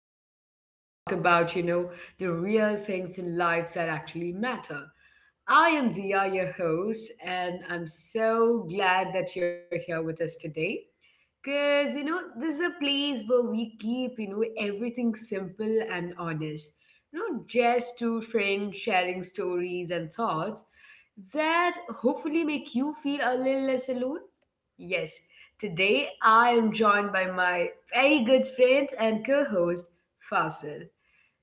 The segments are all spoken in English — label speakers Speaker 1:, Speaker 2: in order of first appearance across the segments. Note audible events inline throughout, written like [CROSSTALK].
Speaker 1: sit down and talk about the real things in life that actually matter. I am Dia, your host, and I'm so glad that you're here with us today. Because this is a place where we keep everything simple and honest. Just two friends sharing stories and thoughts that hopefully make you feel a little less alone. Yes, today I am joined by my very good friend and co host, Fasil.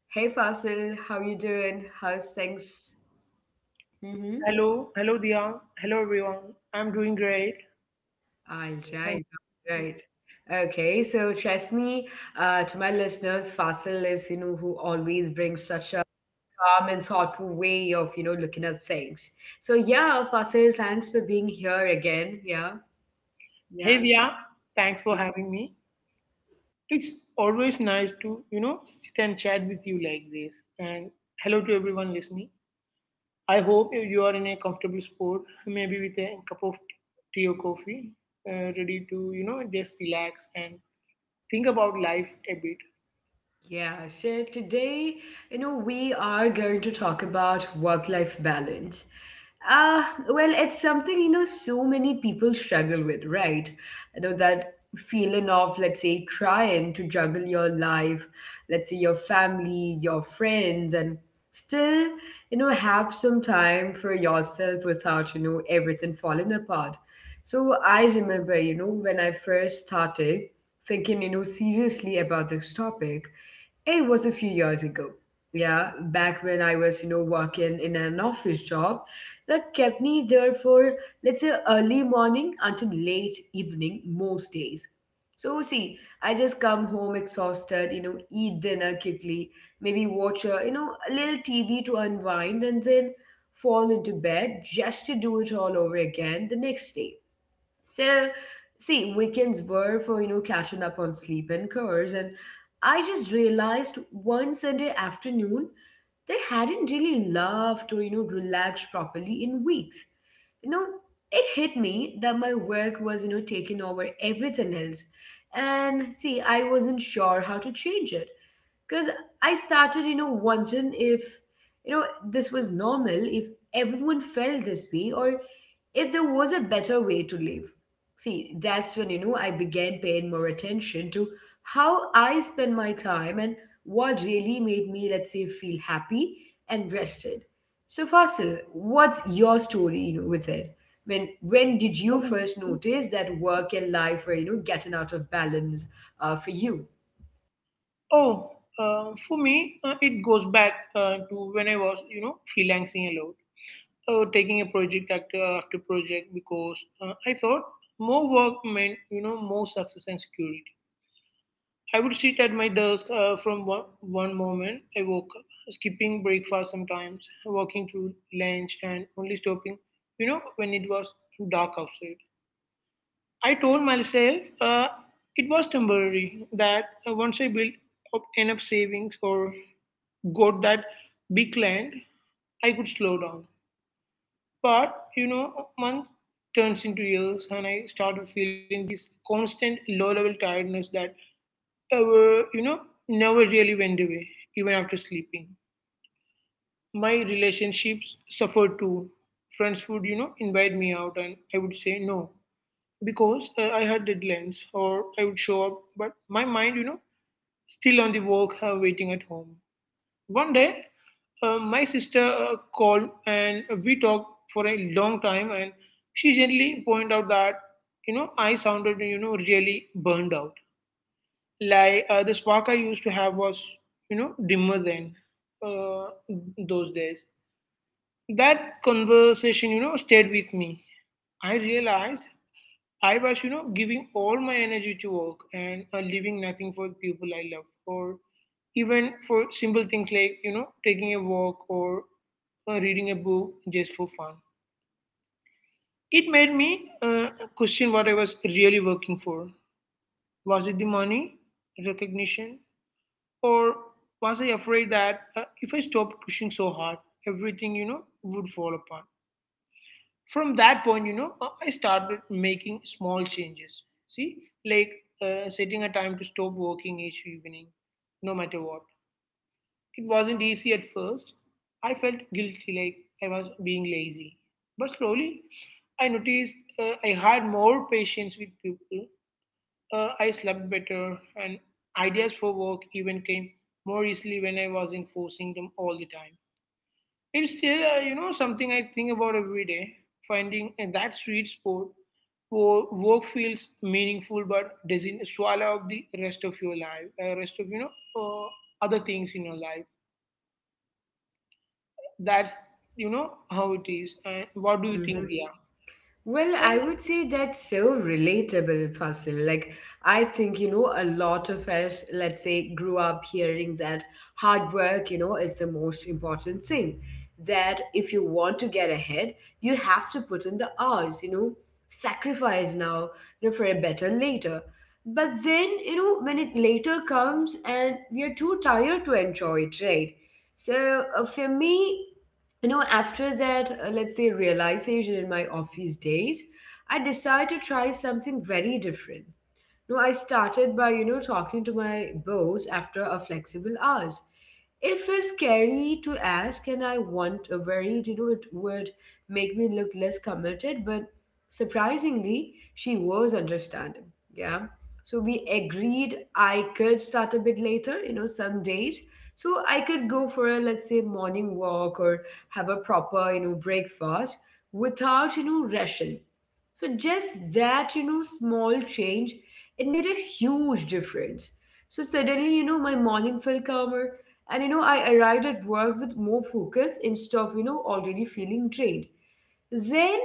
Speaker 1: Hey, Fasil, how you doing? How's things?
Speaker 2: Hello, hello Dia. Hello everyone. I'm doing great.
Speaker 1: All
Speaker 2: Thank
Speaker 1: right, all
Speaker 2: you.
Speaker 1: right. Okay, so trust me, to my listeners, Fasil is who always brings such a calm and thoughtful way of looking at things. So yeah, Fasil, thanks for being here again. Yeah,
Speaker 2: Hey
Speaker 1: yeah.
Speaker 2: Dia, thanks for having me. It's always nice to, you know, sit and chat with you like this. And hello to everyone listening. I hope you are in a comfortable spot, maybe with a cup of tea or coffee, ready to, you know, just relax and think about life a bit.
Speaker 1: Yeah, so today we are going to talk about work life balance. Well, it's something so many people struggle with, right? That feeling of, let's say, trying to juggle your life, let's say your family, your friends, and still have some time for yourself without everything falling apart. So I remember when I first started thinking seriously about this topic. It was a few years ago. Yeah, back when I was working in an office job that kept me there for, let's say, early morning until late evening most days. So, see, I just come home exhausted eat dinner quickly, maybe watch a little TV to unwind and then fall into bed just to do it all over again the next day. So, see, weekends were for catching up on sleep and chores. And I just realized one Sunday afternoon, they hadn't really laughed or relaxed properly in weeks. You know, it hit me that my work was taking over everything else. And see, I wasn't sure how to change it because I started wondering if this was normal, if everyone felt this way, or if there was a better way to live. See, that's when I began paying more attention to how I spend my time and what really made me, let's say, feel happy and rested. So, Fasil, what's your story with it? When did you first notice that work and life were getting out of balance for you?
Speaker 2: Oh, for me, it goes back to when I was, you know, freelancing a lot. Uh, taking a project after project because I thought more work meant you know more success and security. I would sit at my desk from one moment I woke up, skipping breakfast sometimes, walking through lunch, and only stopping you know when it was dark outside. I told myself it was temporary that once I built up enough savings or got that big land, I could slow down. But you know, month turns into years, and I started feeling this constant low-level tiredness that, ever you know, never really went away, even after sleeping. My relationships suffered too. Friends would, you know, invite me out, and I would say no because I had deadlines, or I would show up, but my mind, you know, still on the work, waiting at home. One day, my sister called and we talked for a long time, and she gently pointed out that you know I sounded you know really burned out. Like the spark I used to have was you know dimmer than uh, those days. That conversation you know stayed with me. I realized I was, you know, giving all my energy to work and leaving nothing for the people I love, or even for simple things like, you know, taking a walk or reading a book just for fun. It made me question what I was really working for. Was it the money, recognition, or was I afraid that if I stopped pushing so hard, everything, you know, would fall apart? From that point, you know, I started making small changes. See, like setting a time to stop working each evening, no matter what. It wasn't easy at first. I felt guilty, like I was being lazy. But slowly, I noticed I had more patience with people. I slept better, and ideas for work even came more easily when I wasn't forcing them all the time. It's still, something I think about every day. Finding that sweet spot where work feels meaningful but doesn't swallow up the rest of your life, rest of you know uh, other things in your life. That's you know how it is. And what do you think, Dia?
Speaker 1: Well,
Speaker 2: Well,
Speaker 1: I would say that's so relatable, Fasil. Like, I think a lot of us, let's say, grew up hearing that hard work is the most important thing. That if you want to get ahead, you have to put in the hours sacrifice now for a better later. But then when it later comes and we are too tired to enjoy it, right? So for me after that, let's say, realization in my office days, I decided to try something very different. No, I started by talking to my boss after a flexible hours. It felt scary to ask, and I want worried it would make me look less committed, but surprisingly, she was understanding. Yeah. So we agreed I could start a bit later some days. So I could go for a, let's say, morning walk or have a proper breakfast without rushing. So just that small change it made a huge difference. So suddenly my morning felt calmer. And I arrived at work with more focus instead of already feeling drained. Then,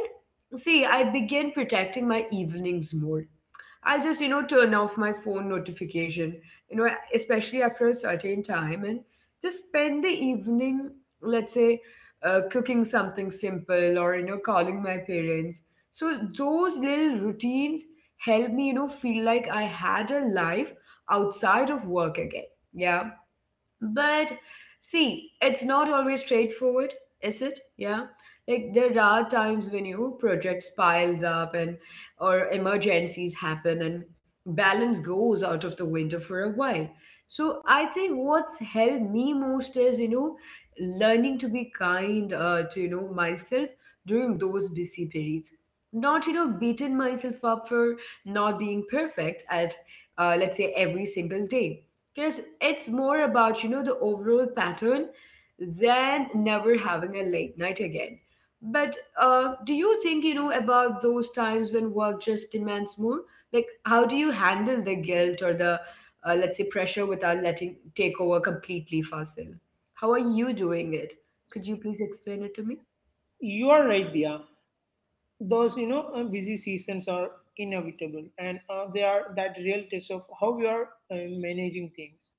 Speaker 1: see, I began protecting my evenings more. I'll just turn off my phone notification, you know, especially after a certain time and just spend the evening, let's say, cooking something simple or calling my parents. So those little routines help me feel like I had a life outside of work again. Yeah. But see, it's not always straightforward, is it? Yeah. Like there are times when you projects piles up and or emergencies happen and balance goes out of the window for a while. So I think what's helped me most is learning to be kind to myself during those busy periods. Not beating myself up for not being perfect at, let's say, every single day, because it's more about the overall pattern than never having a late night again. But do you think about those times when work just demands more? Like, how do you handle the guilt or the let's say pressure without letting take over completely, Fasil? How are you doing it? Could you please explain it to me?
Speaker 2: you are right, Dia. Those you know busy seasons are inevitable, and they are that real test of how we are uh, managing things.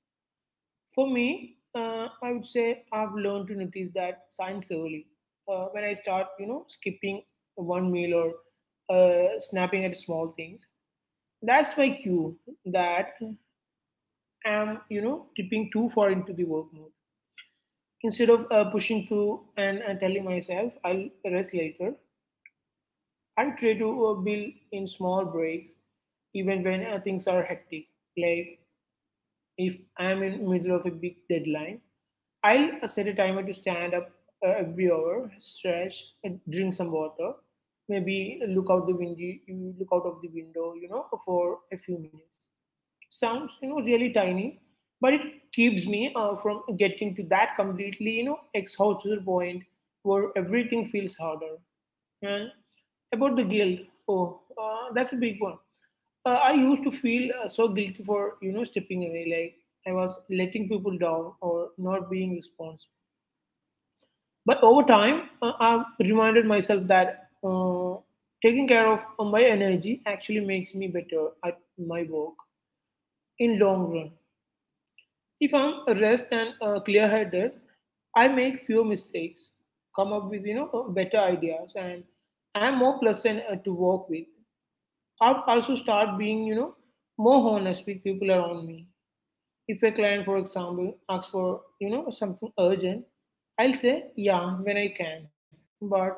Speaker 2: For me, I would say I've learned to notice that signs early. When I start, you know, skipping one meal or snapping at small things, that's my cue that I'm, you know, tipping too far into the work mode. Instead of pushing through and telling myself I'll rest later, I'll try to build in small breaks, even when things are hectic. Like if I'm in middle of a big deadline, I'll set a timer to stand up every hour, stretch, and drink some water. Maybe look out the window, you look out of the window, you know, for a few minutes. It sounds, you know, really tiny, but it keeps me from getting to that completely, you know, exhausted point where everything feels harder. And about the guilt, oh, that's a big one. I used to feel so guilty for, you know, stepping away, like I was letting people down or not being responsible. But over time, I've reminded myself that uh, taking care of my energy actually makes me better at my work in long run. If I'm rest and clear-headed, I make fewer mistakes, come up with you know better ideas, and I'm more pleasant to work with. I've also start being you know more honest with people around me. If a client, for example, asks for you know something urgent, I'll say yeah when I can, but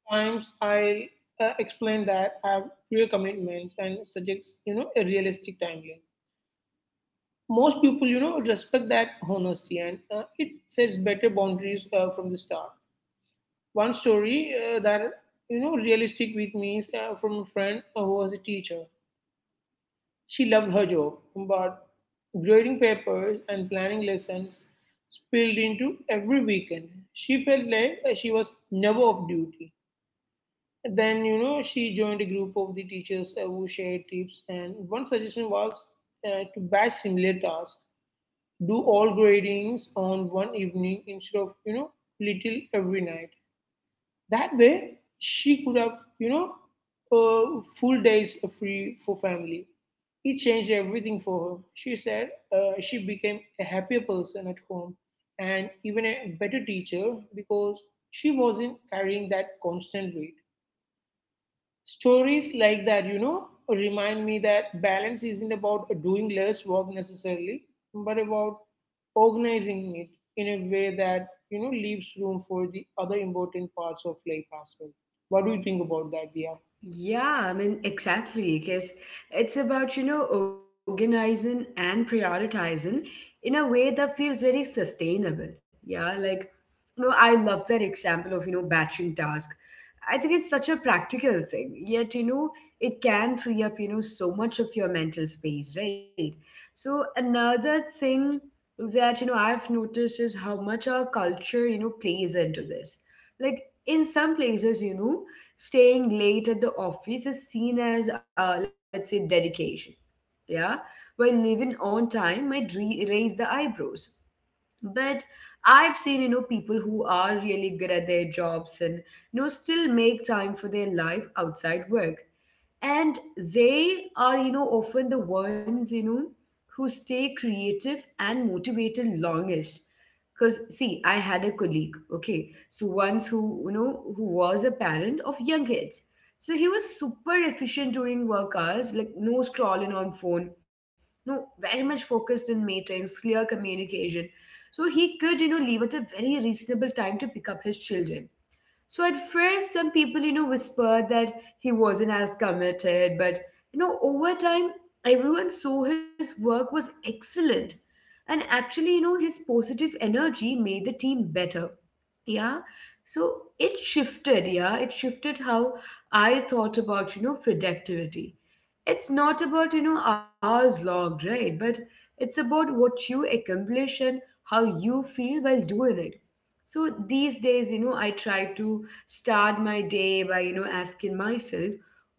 Speaker 2: sometimes I'll explain that I have clear commitments and suggest, you know, a realistic timeline. Most people, you know, respect that honesty and it sets better boundaries from the start. One story that, you know, realistic with me is from a friend who was a teacher. She loved her job, but grading papers and planning lessons spilled into every weekend. She felt like she was never off duty. Then, you know, she joined a group of the teachers who shared tips, and one suggestion was to batch similar tasks, do all gradings on one evening instead of, you know, little every night. That way, she could have, you know, full days free for family. It changed everything for her. She said she became a happier person at home and even a better teacher because she wasn't carrying that constant weight. Stories like that, you know, remind me that balance isn't about doing less work necessarily, but about organizing it in a way that, you know, leaves room for the other important parts of life as well. What do you think about that, Dia?
Speaker 1: Yeah, I mean, exactly, because it's about organizing and prioritizing in a way that feels very sustainable. Yeah, like I love that example of batching tasks. I think it's such a practical thing, yet it can free up so much of your mental space, right? So, another thing that I've noticed is how much our culture plays into this. Like, in some places staying late at the office is seen as let's say dedication. Yeah. While leaving on time might raise the eyebrows. But I've seen people who are really good at their jobs and still make time for their life outside work, and they are often the ones who stay creative and motivated longest. Because, see, I had a colleague, okay, so once who you know who was a parent of young kids. So he was super efficient during work hours, like no scrolling on phone, no, very much focused in meetings, clear communication. So he could leave at a very reasonable time to pick up his children. So at first, some people whispered that he wasn't as committed, but over time, everyone saw his work was excellent. And actually his positive energy made the team better. Yeah. So it shifted, yeah. It shifted how I thought about productivity. It's not about hours logged, right? But it's about what you accomplish and how you feel while doing it. So these days I try to start my day by asking myself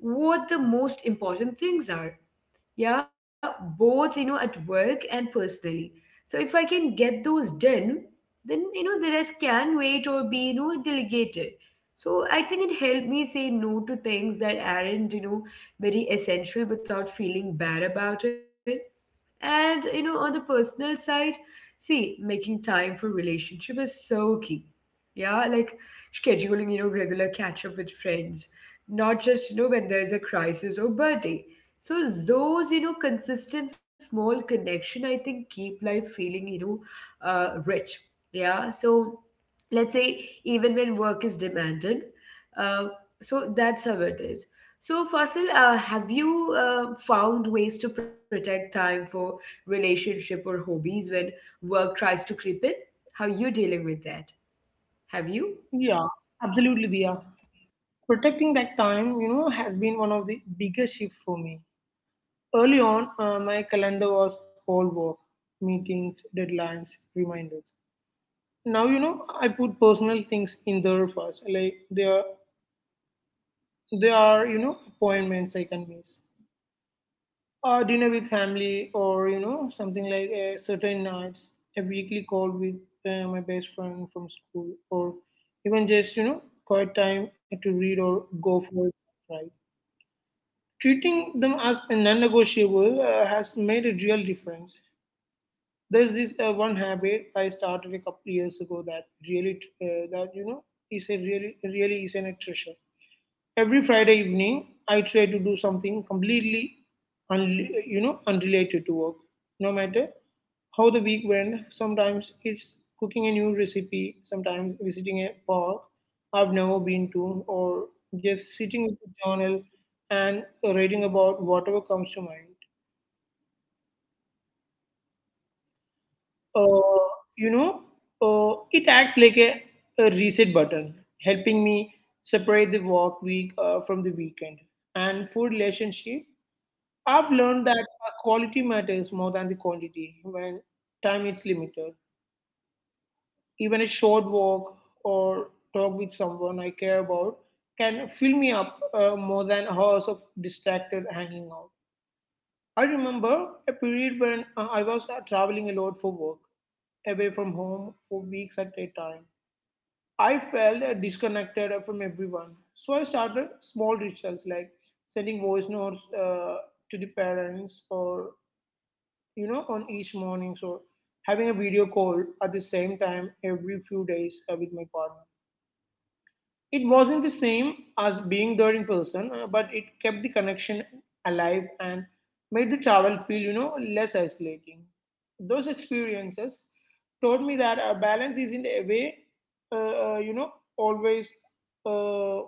Speaker 1: what the most important things are. Yeah, both at work and personally. So if I can get those done, then the rest can wait or be delegated. So I think it helped me say no to things that aren't very essential without feeling bad about it. And on the personal side, see, making time for relationship is so key. Yeah, like scheduling regular catch up with friends, not just when there's a crisis or birthday. So those consistent small connection, I think, keep life feeling rich. Yeah. So let's say even when work is demanded, uh, so that's how it is. So, Fasil, have you found ways to protect time for relationship or hobbies when work tries to creep in? How you dealing with that? Have
Speaker 2: Yeah,
Speaker 1: you?
Speaker 2: absolutely, Dia. Protecting that time, you know, has been one of the biggest shifts for me. Early on, my calendar was all work, meetings, deadlines, reminders. Now you know I put personal things in there first, like there are you know appointments I can miss, a dinner with family or you know something like a certain nights, a weekly call with my best friend from school or even just you know quiet time to read or go for a ride. Treating them as a non-negotiable has made a real difference. There's this one habit I started a couple years ago that really, that you know, is a really, really is an treasure. Every Friday evening, I try to do something completely, unrelated to work. No matter how the week went, sometimes it's cooking a new recipe, sometimes visiting a park I've never been to, or just sitting with a journal and writing about whatever comes to mind. uh, you know, it acts like a reset button, helping me separate the work week from the weekend. And for relationship, I've learned that quality matters more than the quantity when time is limited. Even a short walk or talk with someone I care about can fill me up more than hours of distracted hanging out. I remember a period when I was traveling a lot for work, away from home for weeks at a time. I felt disconnected from everyone. So I started small rituals like sending voice notes to the parents or, you know, on each mornings or having a video call at the same time every few days with my partner. It wasn't the same as being there in person, but it kept the connection alive and made the travel feel, you know, less isolating. Those experiences taught me that a balance isn't a way, uh, uh, you know, always uh,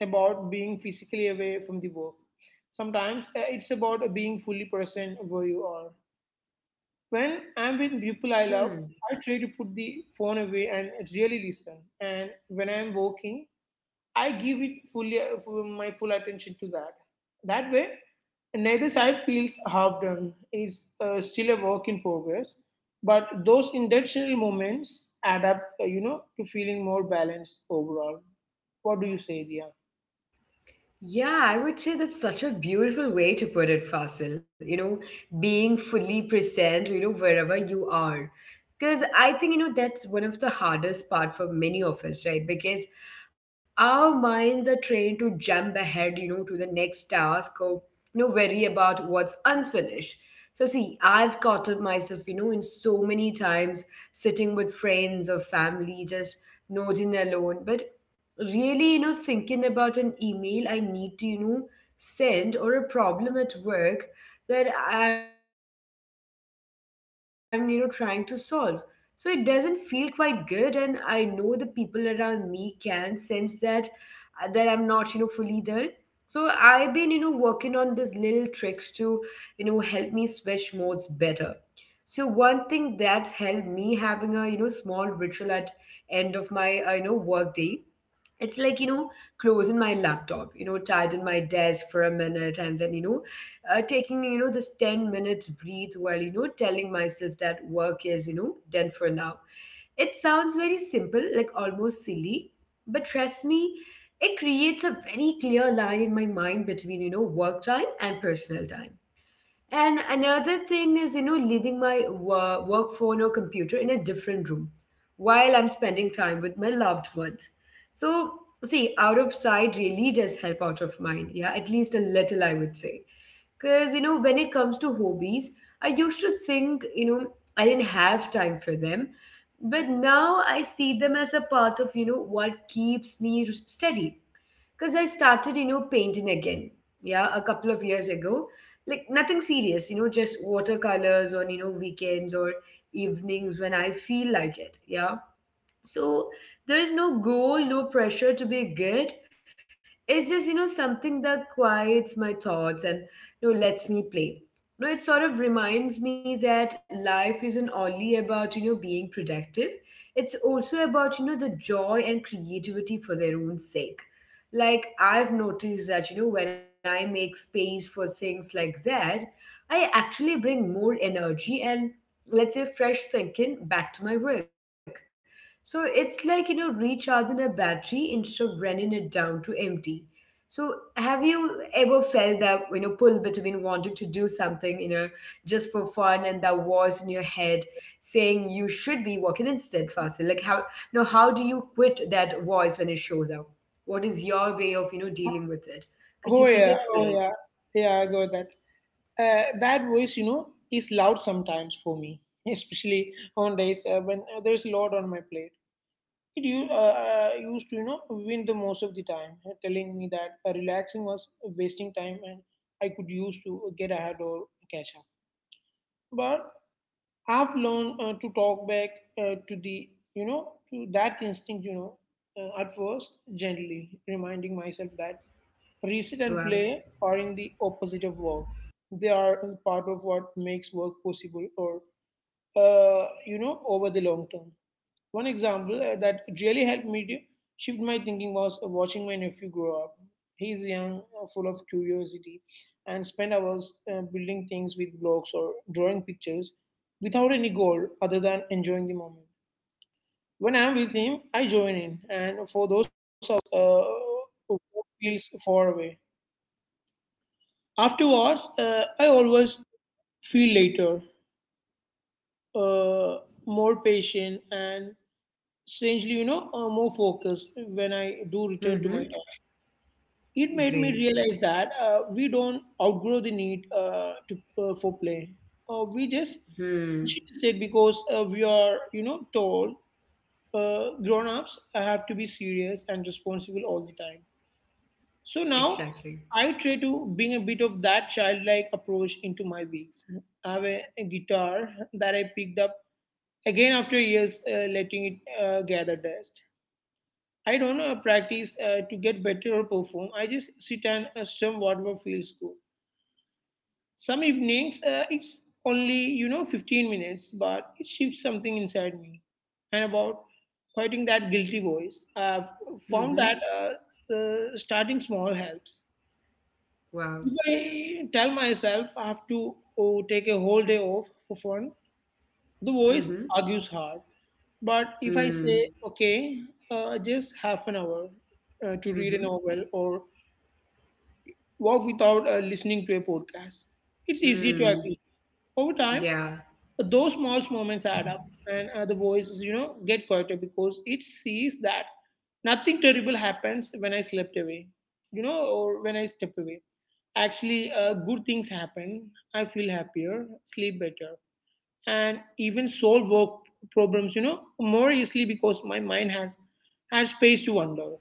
Speaker 2: about being physically away from the work. Sometimes it's about being fully present where you are. When I'm with people I love, I
Speaker 1: Hmm.
Speaker 2: try to put the phone away and really listen. And when I'm walking. I give it fully my full attention to that. That way, neither side feels half done. It's still a work in progress, but those intentional moments add up, to feeling more balanced overall. What do you say, Dia?
Speaker 1: Yeah, I would say that's such a beautiful way to put it, Fasil. Being fully present wherever you are. Because I think that's one of the hardest part for many of us, right? Because our minds are trained to jump ahead to the next task or worry about what's unfinished. So, see, I've caught up myself in so many times sitting with friends or family, just nodding alone. But really thinking about an email I need to send or a problem at work that I'm trying to solve. So it doesn't feel quite good, and I know the people around me can sense that, that I'm not fully there. So I've been working on these little tricks to help me switch modes better. So one thing that's helped me having a small ritual at end of my work day. It's like closing my laptop tidying my desk for a minute, and then taking this 10 minutes breathe while telling myself that work is done for now. It sounds very simple, like almost silly, but trust me, it creates a very clear line in my mind between work time and personal time. And another thing is, leaving my work phone or computer in a different room while I'm spending time with my loved ones. So, see, out of sight really does help out of mind. Yeah, at least a little, I would say. Because, when it comes to hobbies, I used to think, I didn't have time for them. But now I see them as a part of, what keeps me steady because I started, painting again. Yeah, a couple of years ago. Like nothing serious, just watercolors on, weekends or evenings when I feel like it. Yeah. So there is no goal, no pressure to be good. It's just, something that quiets my thoughts and, lets me play. It sort of reminds me that life isn't only about, being productive. It's also about, the joy and creativity for their own sake. Like I've noticed that, when I make space for things like that, I actually bring more energy and, let's say, fresh thinking back to my work, so it's like, recharging a battery instead of running it down to empty. So have you ever felt that, pull between wanting to do something, just for fun and that voice in your head saying you should be working instead faster? Like how do you quit that voice when it shows up? What is your way of, dealing with it?
Speaker 2: Oh
Speaker 1: Could you
Speaker 2: yeah,
Speaker 1: please
Speaker 2: oh yeah,
Speaker 1: explain?
Speaker 2: yeah. I got that. That voice, you know, is loud sometimes for me, [LAUGHS] especially on days when there's a lot on my plate. It used to you know win the most of the time telling me that relaxing was wasting time and I could use to
Speaker 1: Mm-hmm.
Speaker 2: get ahead or catch up, but I've learned to talk back to the you know to that instinct you know at first gently reminding myself that reset and play
Speaker 1: Wow.
Speaker 2: are in the opposite of work. They are part of what makes work possible or you know over the long term. One example that really helped me to shift my thinking was watching my nephew grow up. He's young, full of curiosity, and spend hours building things with blocks or drawing pictures without any goal other than enjoying the moment. When I'm with him, I join in, and for those hours, work feels far away. Afterwards, I always feel later, uh, more patient and strangely, you know, more focused when I do return to my
Speaker 1: Mm-hmm.
Speaker 2: task. It made me
Speaker 1: Great.
Speaker 2: realize that we don't outgrow the need to for play. We just push it
Speaker 1: Hmm.
Speaker 2: aside because we are, you know, told grown-ups have to be serious and responsible all the time. So now
Speaker 1: Exactly.
Speaker 2: I try to bring a bit of that childlike approach into my weeks. I have a guitar that I picked up again after years letting it gather dust. I don't practice to get better or perform. I just sit and strum whatever feels good. Some evenings, it's only 15 minutes, but it shifts something inside me. And about fighting that guilty voice, I've found
Speaker 1: Mm-hmm.
Speaker 2: that starting small helps.
Speaker 1: Wow.
Speaker 2: If I tell myself I have to take a whole day off for fun, the voice
Speaker 1: Mm-hmm.
Speaker 2: argues hard. But if I
Speaker 1: Hmm.
Speaker 2: say, okay, just half an hour to read a
Speaker 1: Mm-hmm.
Speaker 2: novel or walk without listening to a podcast. It's easy to
Speaker 1: Hmm.
Speaker 2: agree. Over time,
Speaker 1: Yeah,
Speaker 2: those small moments add up, and the voice get quieter because it sees that nothing terrible happens when I slept away, or when I step away. Actually, good things happen. I feel happier, sleep better, and even solve work problems more easily because my mind has had space to wonder.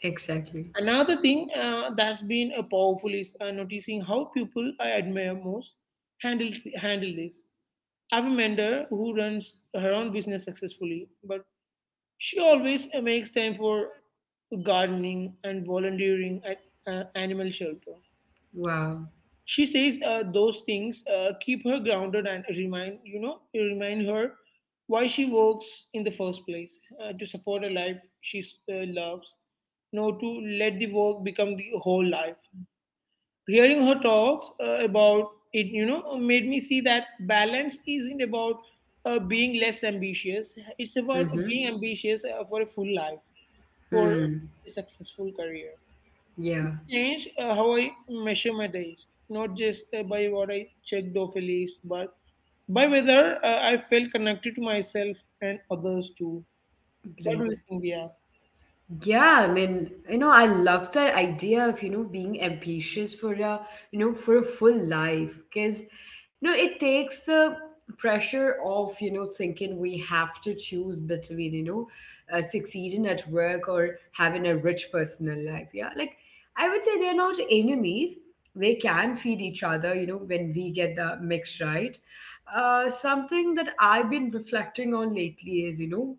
Speaker 1: exactly.
Speaker 2: Another thing that's been powerful is noticing how people I admire most handle handle this. I have a mentor who runs her own business successfully, but she always makes time for gardening and volunteering at animal shelter.
Speaker 1: Wow.
Speaker 2: She says those things keep her grounded and remind you know remind her why she works in the first place, to support a life she loves, no to let the work become the whole life. Hearing her talks about it made me see that balance isn't about being less ambitious, it's about
Speaker 1: Mm-hmm.
Speaker 2: being ambitious for a full life, for
Speaker 1: Hmm.
Speaker 2: a successful career.
Speaker 1: Yeah,
Speaker 2: Change how I measure my days, not just by what I checked off a list, but by whether I felt connected to myself and others too. What do
Speaker 1: great.
Speaker 2: you think, Dia?
Speaker 1: Yeah, I mean, I love that idea of, being ambitious for a full life because, it takes the pressure off, thinking we have to choose between, succeeding at work or having a rich personal life. Yeah, like I would say they're not enemies. They can feed each other, when we get the mix right. Something that I've been reflecting on lately is,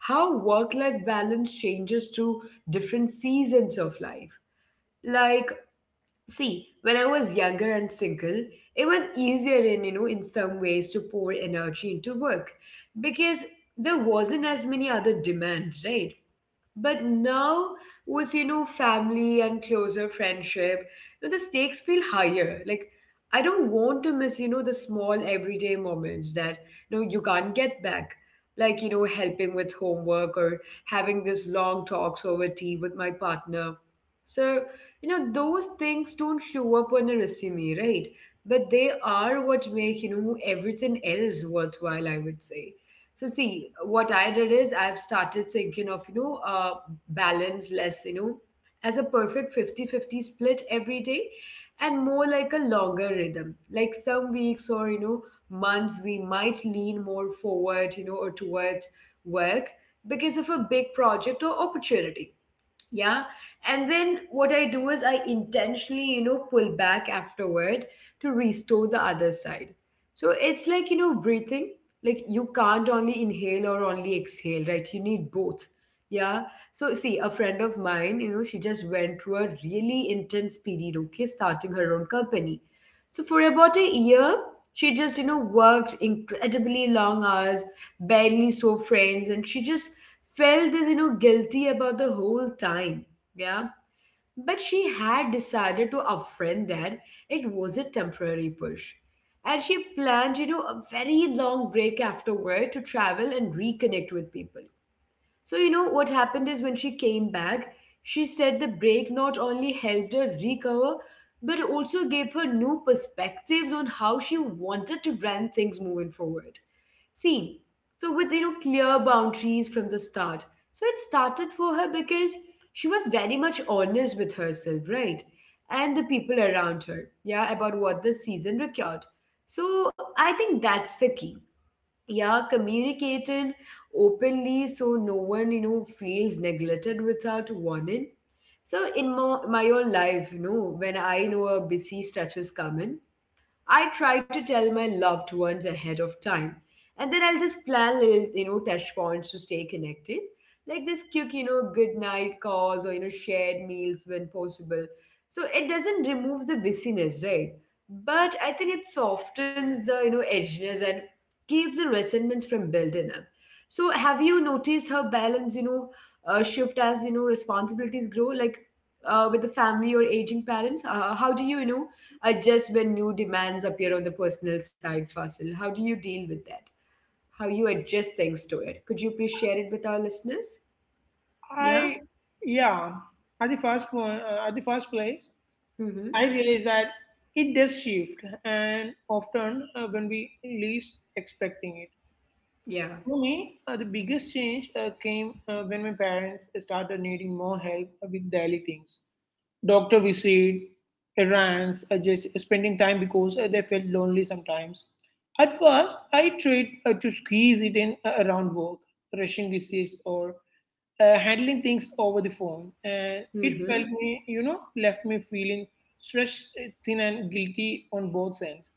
Speaker 1: how work life balance changes through different seasons of life. Like, see, when I was younger and single, it was easier in some ways to pour energy into work because there wasn't as many other demands, right? But now, with family and closer friendship, the stakes feel higher. Like I don't want to miss, the small everyday moments that you can't get back. Like, helping with homework or having these long talks over tea with my partner. So, those things don't show up on a resume, right? But they are what make, everything else worthwhile, I would say. So, see, what I did is I've started thinking of, balance less, as a perfect 50-50 split every day and more like a longer rhythm. Like some weeks or, months we might lean more forward, or towards work because of a big project or opportunity, yeah, and then what I do is I intentionally pull back afterward to restore the other side. So it's like, breathing. Like, you can't only inhale or only exhale, right? You need both. Yeah. So, see, a friend of mine, she just went through a really intense period, okay, starting her own company. So for about a year she just worked incredibly long hours, barely saw friends, and she just felt this, guilty about the whole time. Yeah. But she had decided to upfront that it was a temporary push. And she planned, a very long break afterward to travel and reconnect with people. So, what happened is when she came back, she said the break not only helped her recover, but also gave her new perspectives on how she wanted to run things moving forward. See, so with, clear boundaries from the start. So it started for her because she was very much honest with herself, right? And the people around her, yeah, about what the season required. So I think that's the key. Yeah, communicated openly so no one feels neglected without warning. So in my own life, when I know a busy stretch is coming, I try to tell my loved ones ahead of time. And then I'll just plan little, touch points to stay connected. Like this quick, good night calls or, shared meals when possible. So it doesn't remove the busyness, right? But I think it softens the, edginess and keeps the resentments from building up. So have you noticed how balance, shift as, responsibilities grow? Like, with the family or aging parents, how do you, adjust when new demands appear on the personal side, Fasil? How do you deal with that? How you adjust things to it? Could you please share it with our listeners? Yeah.
Speaker 2: I, yeah, at the first place,
Speaker 1: Mm-hmm.
Speaker 2: I realized that it does shift, and often when we least expecting it.
Speaker 1: Yeah.
Speaker 2: For me, the biggest change came when my parents started needing more help with daily things: doctor visit, errands, just spending time because they felt lonely sometimes. At first, I tried to squeeze it in around work, rushing visits or handling things over the phone, and it
Speaker 1: Mm-hmm.
Speaker 2: felt me, you know, left me feeling stretched thin and guilty on both ends.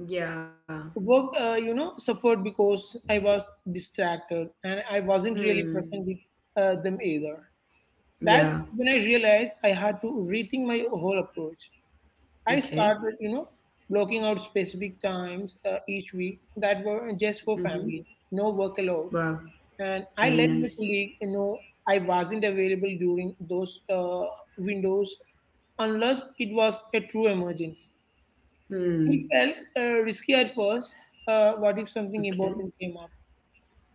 Speaker 1: Yeah.
Speaker 2: Work, suffered because I was distracted and I wasn't really
Speaker 1: Hmm.
Speaker 2: present with them either.
Speaker 1: Yeah.
Speaker 2: That's when I realized I had to rethink my whole approach. I
Speaker 1: Okay.
Speaker 2: started, blocking out specific times each week that were just for
Speaker 1: Mm-hmm.
Speaker 2: family, no work allowed.
Speaker 1: Wow.
Speaker 2: And
Speaker 1: Very
Speaker 2: I let
Speaker 1: nice.
Speaker 2: my colleague, you know, I wasn't available during those windows unless it was a true emergency.
Speaker 1: Hmm.
Speaker 2: It felt risky at first. What if something
Speaker 1: Okay.
Speaker 2: important came up?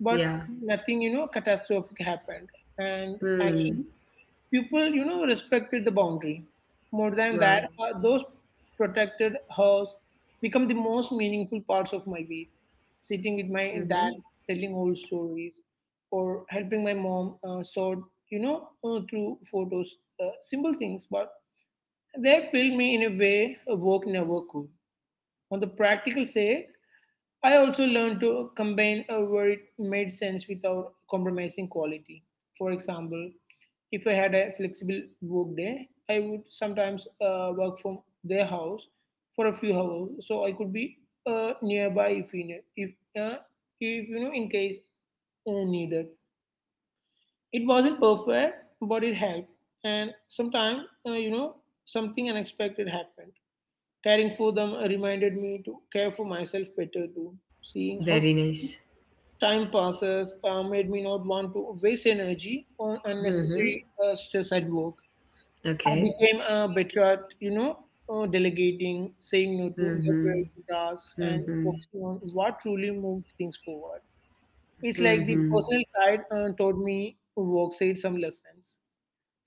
Speaker 2: But nothing, catastrophic happened. And
Speaker 1: Hmm.
Speaker 2: actually, people, respected the boundary. More than
Speaker 1: Wow.
Speaker 2: that, those protected hers become the most meaningful parts of my week. Sitting with
Speaker 1: Mm-hmm.
Speaker 2: my dad, telling old stories, or helping my mom sort, through photos, simple things, but they filled me in a way a work never could. On the practical side, I also learned to combine where it made sense without compromising quality. For example, if I had a flexible work day, I would sometimes work from their house for a few hours, so I could be nearby if uh, in case needed. It wasn't perfect, but it helped. And sometimes uh, you know something unexpected happened. Caring for them reminded me to care for myself better too. Seeing how
Speaker 1: Very nice.
Speaker 2: time passes made me not want to waste energy on
Speaker 1: Mm-hmm.
Speaker 2: unnecessary stress at work. I
Speaker 1: Okay.
Speaker 2: became better at, delegating, saying no to low
Speaker 1: Mm-hmm.
Speaker 2: priority tasks, and
Speaker 1: Mm-hmm.
Speaker 2: focusing on what truly moves things forward. It's like
Speaker 1: Mm-hmm.
Speaker 2: the personal side taught me work side some lessons.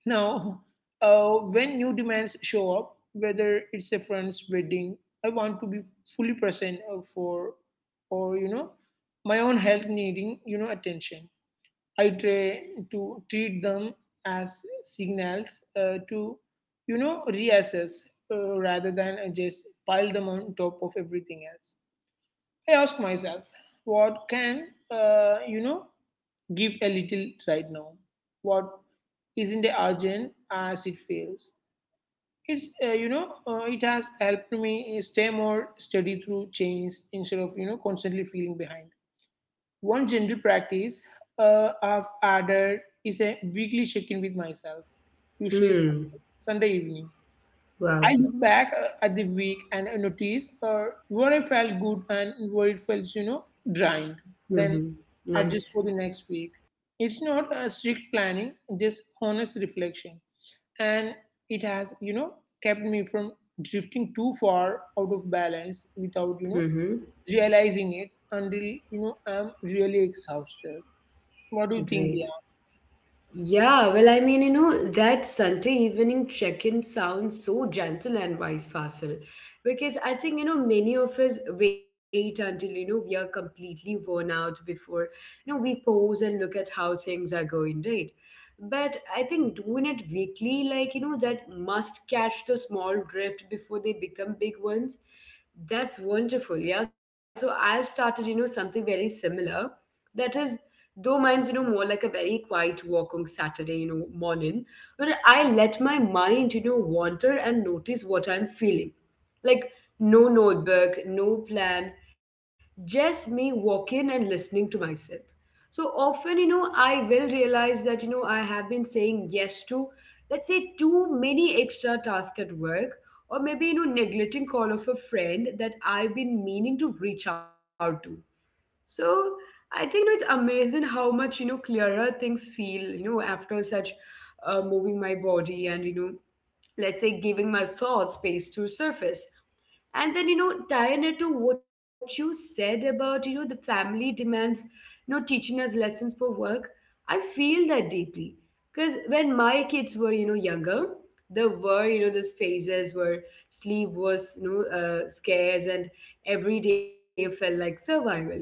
Speaker 2: Now, when new demands show up, whether it's a friend's wedding, I want to be fully present for, or you know, my own health needing, attention. I try to treat them as signals to reassess rather than just pile them on top of everything else. I ask myself, what can, give a little right now? What isn't urgent as it fails? It has helped me stay more steady through change instead of, constantly feeling behind. One general practice I've added is a weekly check in with myself, usually
Speaker 1: Hmm.
Speaker 2: Sunday evening.
Speaker 1: Wow.
Speaker 2: I look back at the week and I notice where I felt good and where it felt, drained.
Speaker 1: Mm-hmm.
Speaker 2: Then
Speaker 1: Nice.
Speaker 2: adjust for the next week. It's not a strict planning, just honest reflection. And it has, kept me from drifting too far out of balance without,
Speaker 1: Mm-hmm.
Speaker 2: realizing it until I'm really exhausted. What do you
Speaker 1: Great.
Speaker 2: think, Dia?
Speaker 1: Yeah, well, I mean, that Sunday evening check-in sounds so gentle and wise, Fasil, because I think, many of us wait until, we are completely worn out before, we pause and look at how things are going, right? But I think doing it weekly, like, that must catch the small drift before they become big ones. That's wonderful. Yeah. So I've started, something very similar. That is, though mine's, more like a very quiet walk on Saturday, morning, where I let my mind, wander and notice what I'm feeling. Like, no notebook, no plan, just me walking and listening to myself. So often, I will realize that, I have been saying yes to, let's say, too many extra tasks at work, or maybe neglecting call of a friend that I've been meaning to reach out to. So I think it's amazing how much clearer things feel after such, moving my body and, let's say, giving my thoughts space to surface. And then, tying it to what you said about, the family demands, teaching us lessons for work, I feel that deeply because when my kids were, younger, there were, those phases where sleep was, scarce and every day felt like survival.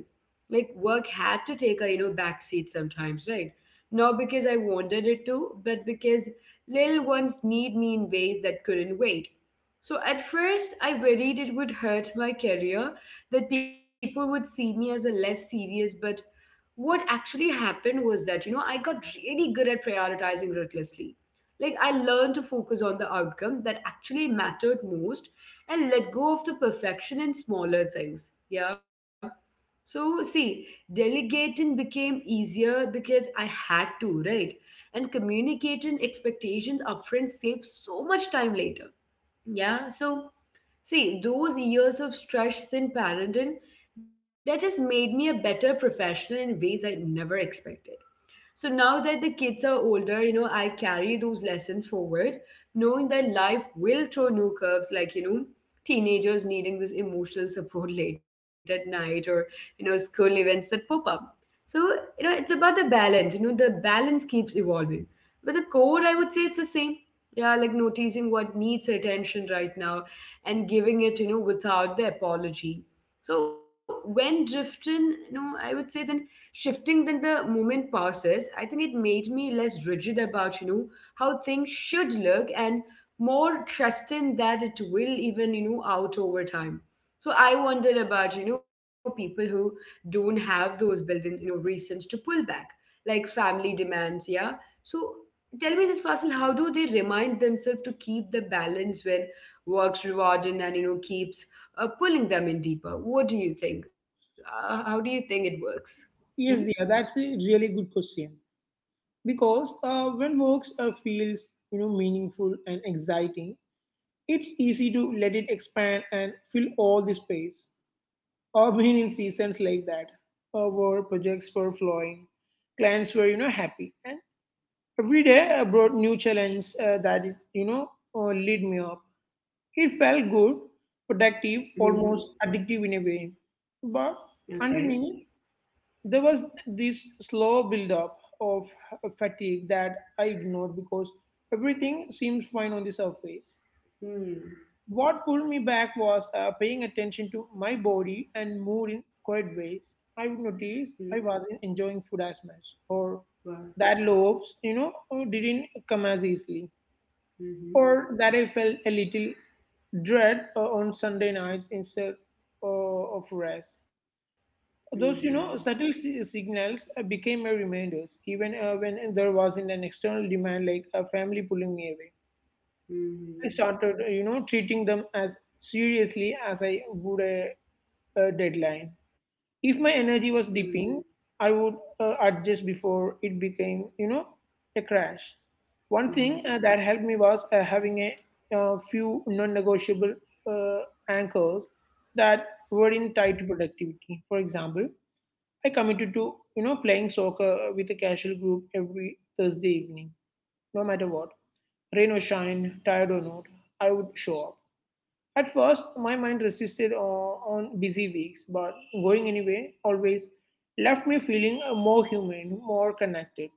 Speaker 1: Like, work had to take a, backseat sometimes, right? Not because I wanted it to, but because little ones need me in ways that couldn't wait. So at first, I worried it would hurt my career, that people would see me as a less serious. But what actually happened was that, I got really good at prioritizing ruthlessly. Like, I learned to focus on the outcome that actually mattered most and let go of the perfection in smaller things. Yeah. So, see, delegating became easier because I had to, right? And communicating expectations upfront saved so much time later. Yeah, so see, those years of stress in parenting, that just made me a better professional in ways I never expected. So now that the kids are older, I carry those lessons forward, knowing that life will throw new curves, like, teenagers needing this emotional support [LAUGHS] late at night or, school events that pop up. So, it's about the balance keeps evolving. But the core, I would say, it's the same. Yeah, like noticing what needs attention right now and giving it, without the apology. So when drifting, I would say, then shifting than the moment passes, I think it made me less rigid about, how things should look and more trusting that it will even, out over time. So I wonder about, people who don't have those built-in, reasons to pull back, like family demands, yeah. So tell me this, Fasil, how do they remind themselves to keep the balance when works rewarding and keeps, pulling them in deeper? What do you think? How do you think it works? Hmm?
Speaker 2: Yes, Dia, that's a really good question because when work feels meaningful and exciting, it's easy to let it expand and fill all the space. I've been [LAUGHS] in seasons like that, where projects were flowing, clients were, happy, and every day brought new challenge that you know lead me up. It felt good, protective,
Speaker 1: Mm-hmm.
Speaker 2: almost addictive in a way. But
Speaker 1: Okay.
Speaker 2: underneath, there was this slow buildup of fatigue that I ignored because everything seemed fine on the surface.
Speaker 1: Hmm.
Speaker 2: What pulled me back was paying attention to my body and mood in quiet ways. I would
Speaker 1: Hmm.
Speaker 2: notice I wasn't enjoying food as much, or
Speaker 1: Well,
Speaker 2: that loaves, didn't come as easily
Speaker 1: Mm-hmm.
Speaker 2: or that I felt a little dread on Sunday nights instead of rest.
Speaker 1: Wow. Mm-hmm. Mm-hmm.
Speaker 2: Those, subtle signals became my reminders, even when there wasn't an external demand like a family pulling me away. I started, treating them as seriously as I would a deadline. If my
Speaker 1: Mm-hmm.
Speaker 2: energy
Speaker 1: Mm.
Speaker 2: was dipping, I would adjust before it became, a crash. One thing
Speaker 1: Nice.
Speaker 2: that helped me was having a few non-negotiable uh, anchors that weren't tied to productivity. For example, I committed to, playing soccer with a casual group every Thursday evening, no matter what, rain or shine, tired or not, I would show up. At first, my mind resisted on busy weeks, but going anyway always left me feeling more human, more connected.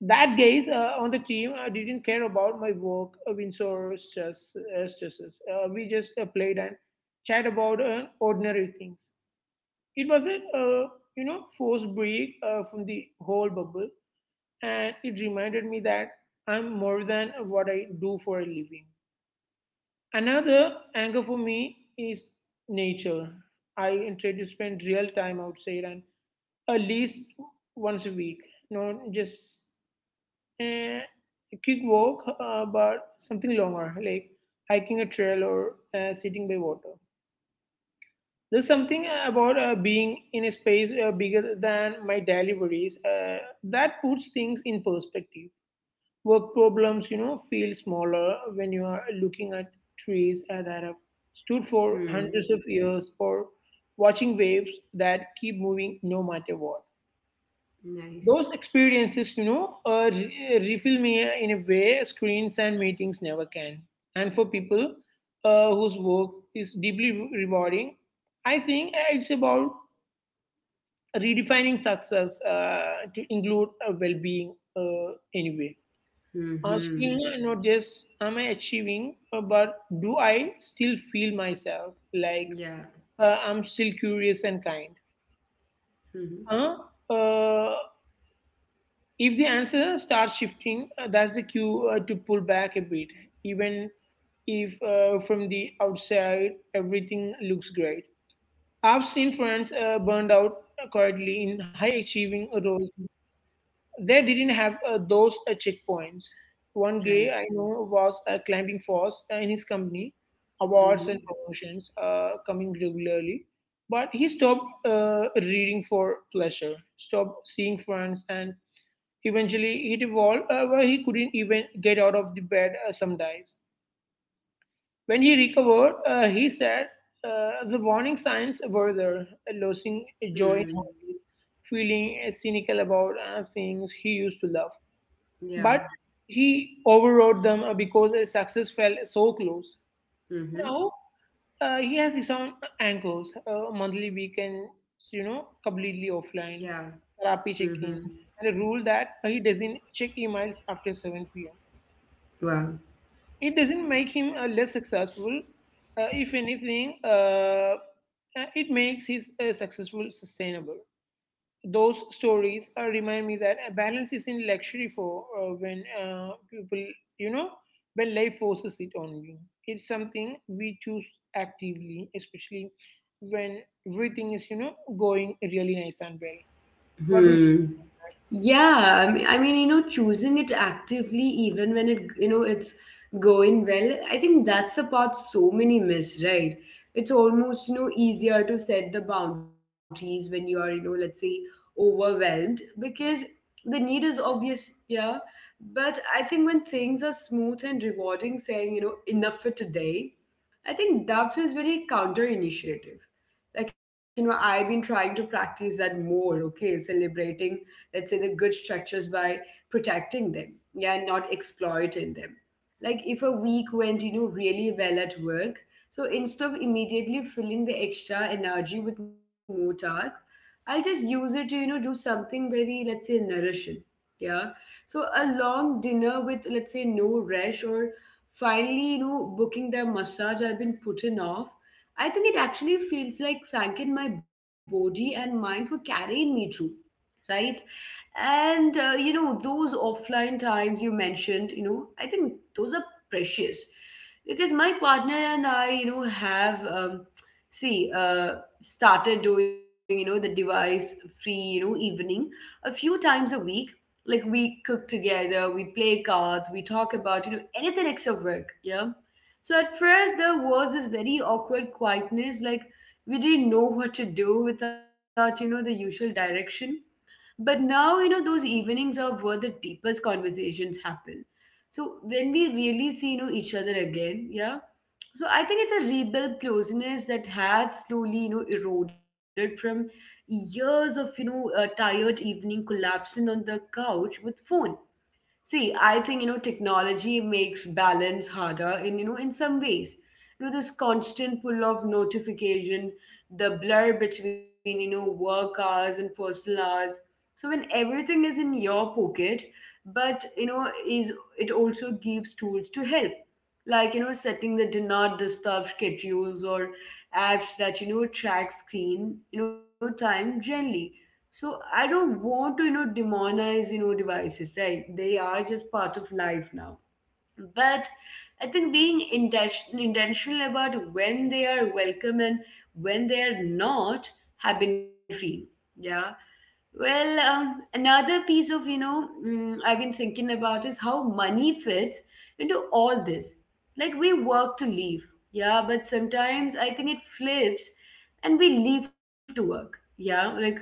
Speaker 2: That guys on the team didn't care about my work, wins or stresses. We just played and chat about ordinary things. It was a forced break from the whole bubble, and it reminded me that I'm more than what I do for a living. Another anchor for me is nature. I try to spend real time outside and at least once a week. Not just eh, a quick walk, but something longer, like hiking a trail or sitting by water. There's something about being in a space bigger than my daily worries that puts things in perspective. Work problems, feel smaller when you are looking at trees that have stood for
Speaker 1: Mm.
Speaker 2: hundreds of years or watching waves that keep moving no matter what.
Speaker 1: Nice.
Speaker 2: Those experiences, refill me in a way screens and meetings never can. And for people whose work is deeply rewarding, I think it's about redefining success to include well-being anyway.
Speaker 1: Mm-hmm.
Speaker 2: Asking not just am I achieving, but do I still feel myself like
Speaker 1: Yeah.
Speaker 2: I'm still curious and kind?
Speaker 1: Mm-hmm.
Speaker 2: Huh? Uh, if the answer starts shifting, that's the cue to pull back a bit, even if from the outside everything looks great. I've seen friends burned out quietly in high achieving roles. They didn't have those checkpoints. One guy
Speaker 1: Right.
Speaker 2: I know was climbing force in his company, awards
Speaker 1: Mm-hmm.
Speaker 2: and promotions coming regularly, but he stopped reading for pleasure, stopped seeing friends, and eventually he evolved where he couldn't even get out of the bed some days. When he recovered, he said the warning signs were there, losing
Speaker 1: Mm.
Speaker 2: joy in hobbies, feeling cynical about things he used to love,
Speaker 1: Yeah.
Speaker 2: but he overrode them because his success fell so close.
Speaker 1: Mm-hmm.
Speaker 2: Now, he has his own anchors, monthly weekends, completely
Speaker 1: Yeah.
Speaker 2: offline, therapy
Speaker 1: Mm-hmm.
Speaker 2: check-ins, and a rule that he doesn't check emails after 7 p.m.
Speaker 1: Wow.
Speaker 2: It doesn't make him less successful. If anything, it makes his successful sustainable. Those stories remind me that a balance isn't luxury for when people, you know, when life forces it on you. It's something we choose actively, especially when everything is, going really nice and well. What do you?
Speaker 1: Hmm. Yeah, I mean, choosing it actively, even when it's going well, I think that's the part so many miss, right? It's almost, easier to set the boundaries when you are, let's say overwhelmed because the need is obvious, yeah. But I think when things are smooth and rewarding, saying, enough for today, I think that feels very counter initiative like I've been trying to practice that more. Okay, celebrating let's say the good structures by protecting them, yeah, and not exploiting them. Like if a week went really well at work, so instead of immediately filling the extra energy with more task, I'll just use it to do something very let's say nourishing, yeah. So a long dinner with let's say no rest, or finally booking the massage I've been putting off. I think it actually feels like thanking my body and mind for carrying me through, right? And those offline times you mentioned, I think those are precious because my partner and I, have see started doing, the device free, evening a few times a week. Like we cook together, we play cards, we talk about, anything except work. Yeah. So at first there was this very awkward quietness, like we didn't know what to do without, the usual direction. But now, those evenings are where the deepest conversations happen. So when we really see, each other again, yeah. So I think it's a rebuilt closeness that had slowly, eroded from years of, tired evening collapsing on the couch with phone. See, I think technology makes balance harder in in some ways. This constant pull of notification, the blur between work hours and personal hours. So when everything is in your pocket, but is it also gives tools to help, like setting the do not disturb schedules or apps that track screen time generally. So I don't want to, demonize, devices, right? They are just part of life now. But I think being intentional about when they are welcome and when they are not have been free. Yeah. Well, another piece of, I've been thinking about is how money fits into all this. Like we work to live, yeah, but sometimes I think it flips and we leave to work, yeah, like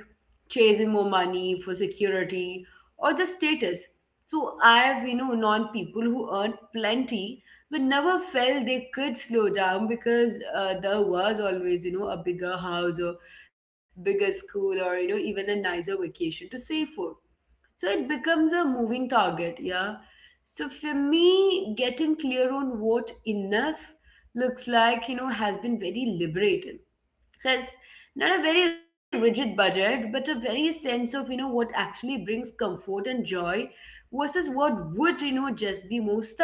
Speaker 1: chasing more money for security or just status. So I've, known people who earned plenty but never felt they could slow down because there was always, a bigger house or bigger school or even a nicer vacation to save for. So it becomes a moving target, yeah. So for me getting clear on what enough looks like has been very liberating, because not a very rigid budget but a very sense of what actually brings comfort and joy versus what would just be more stuff.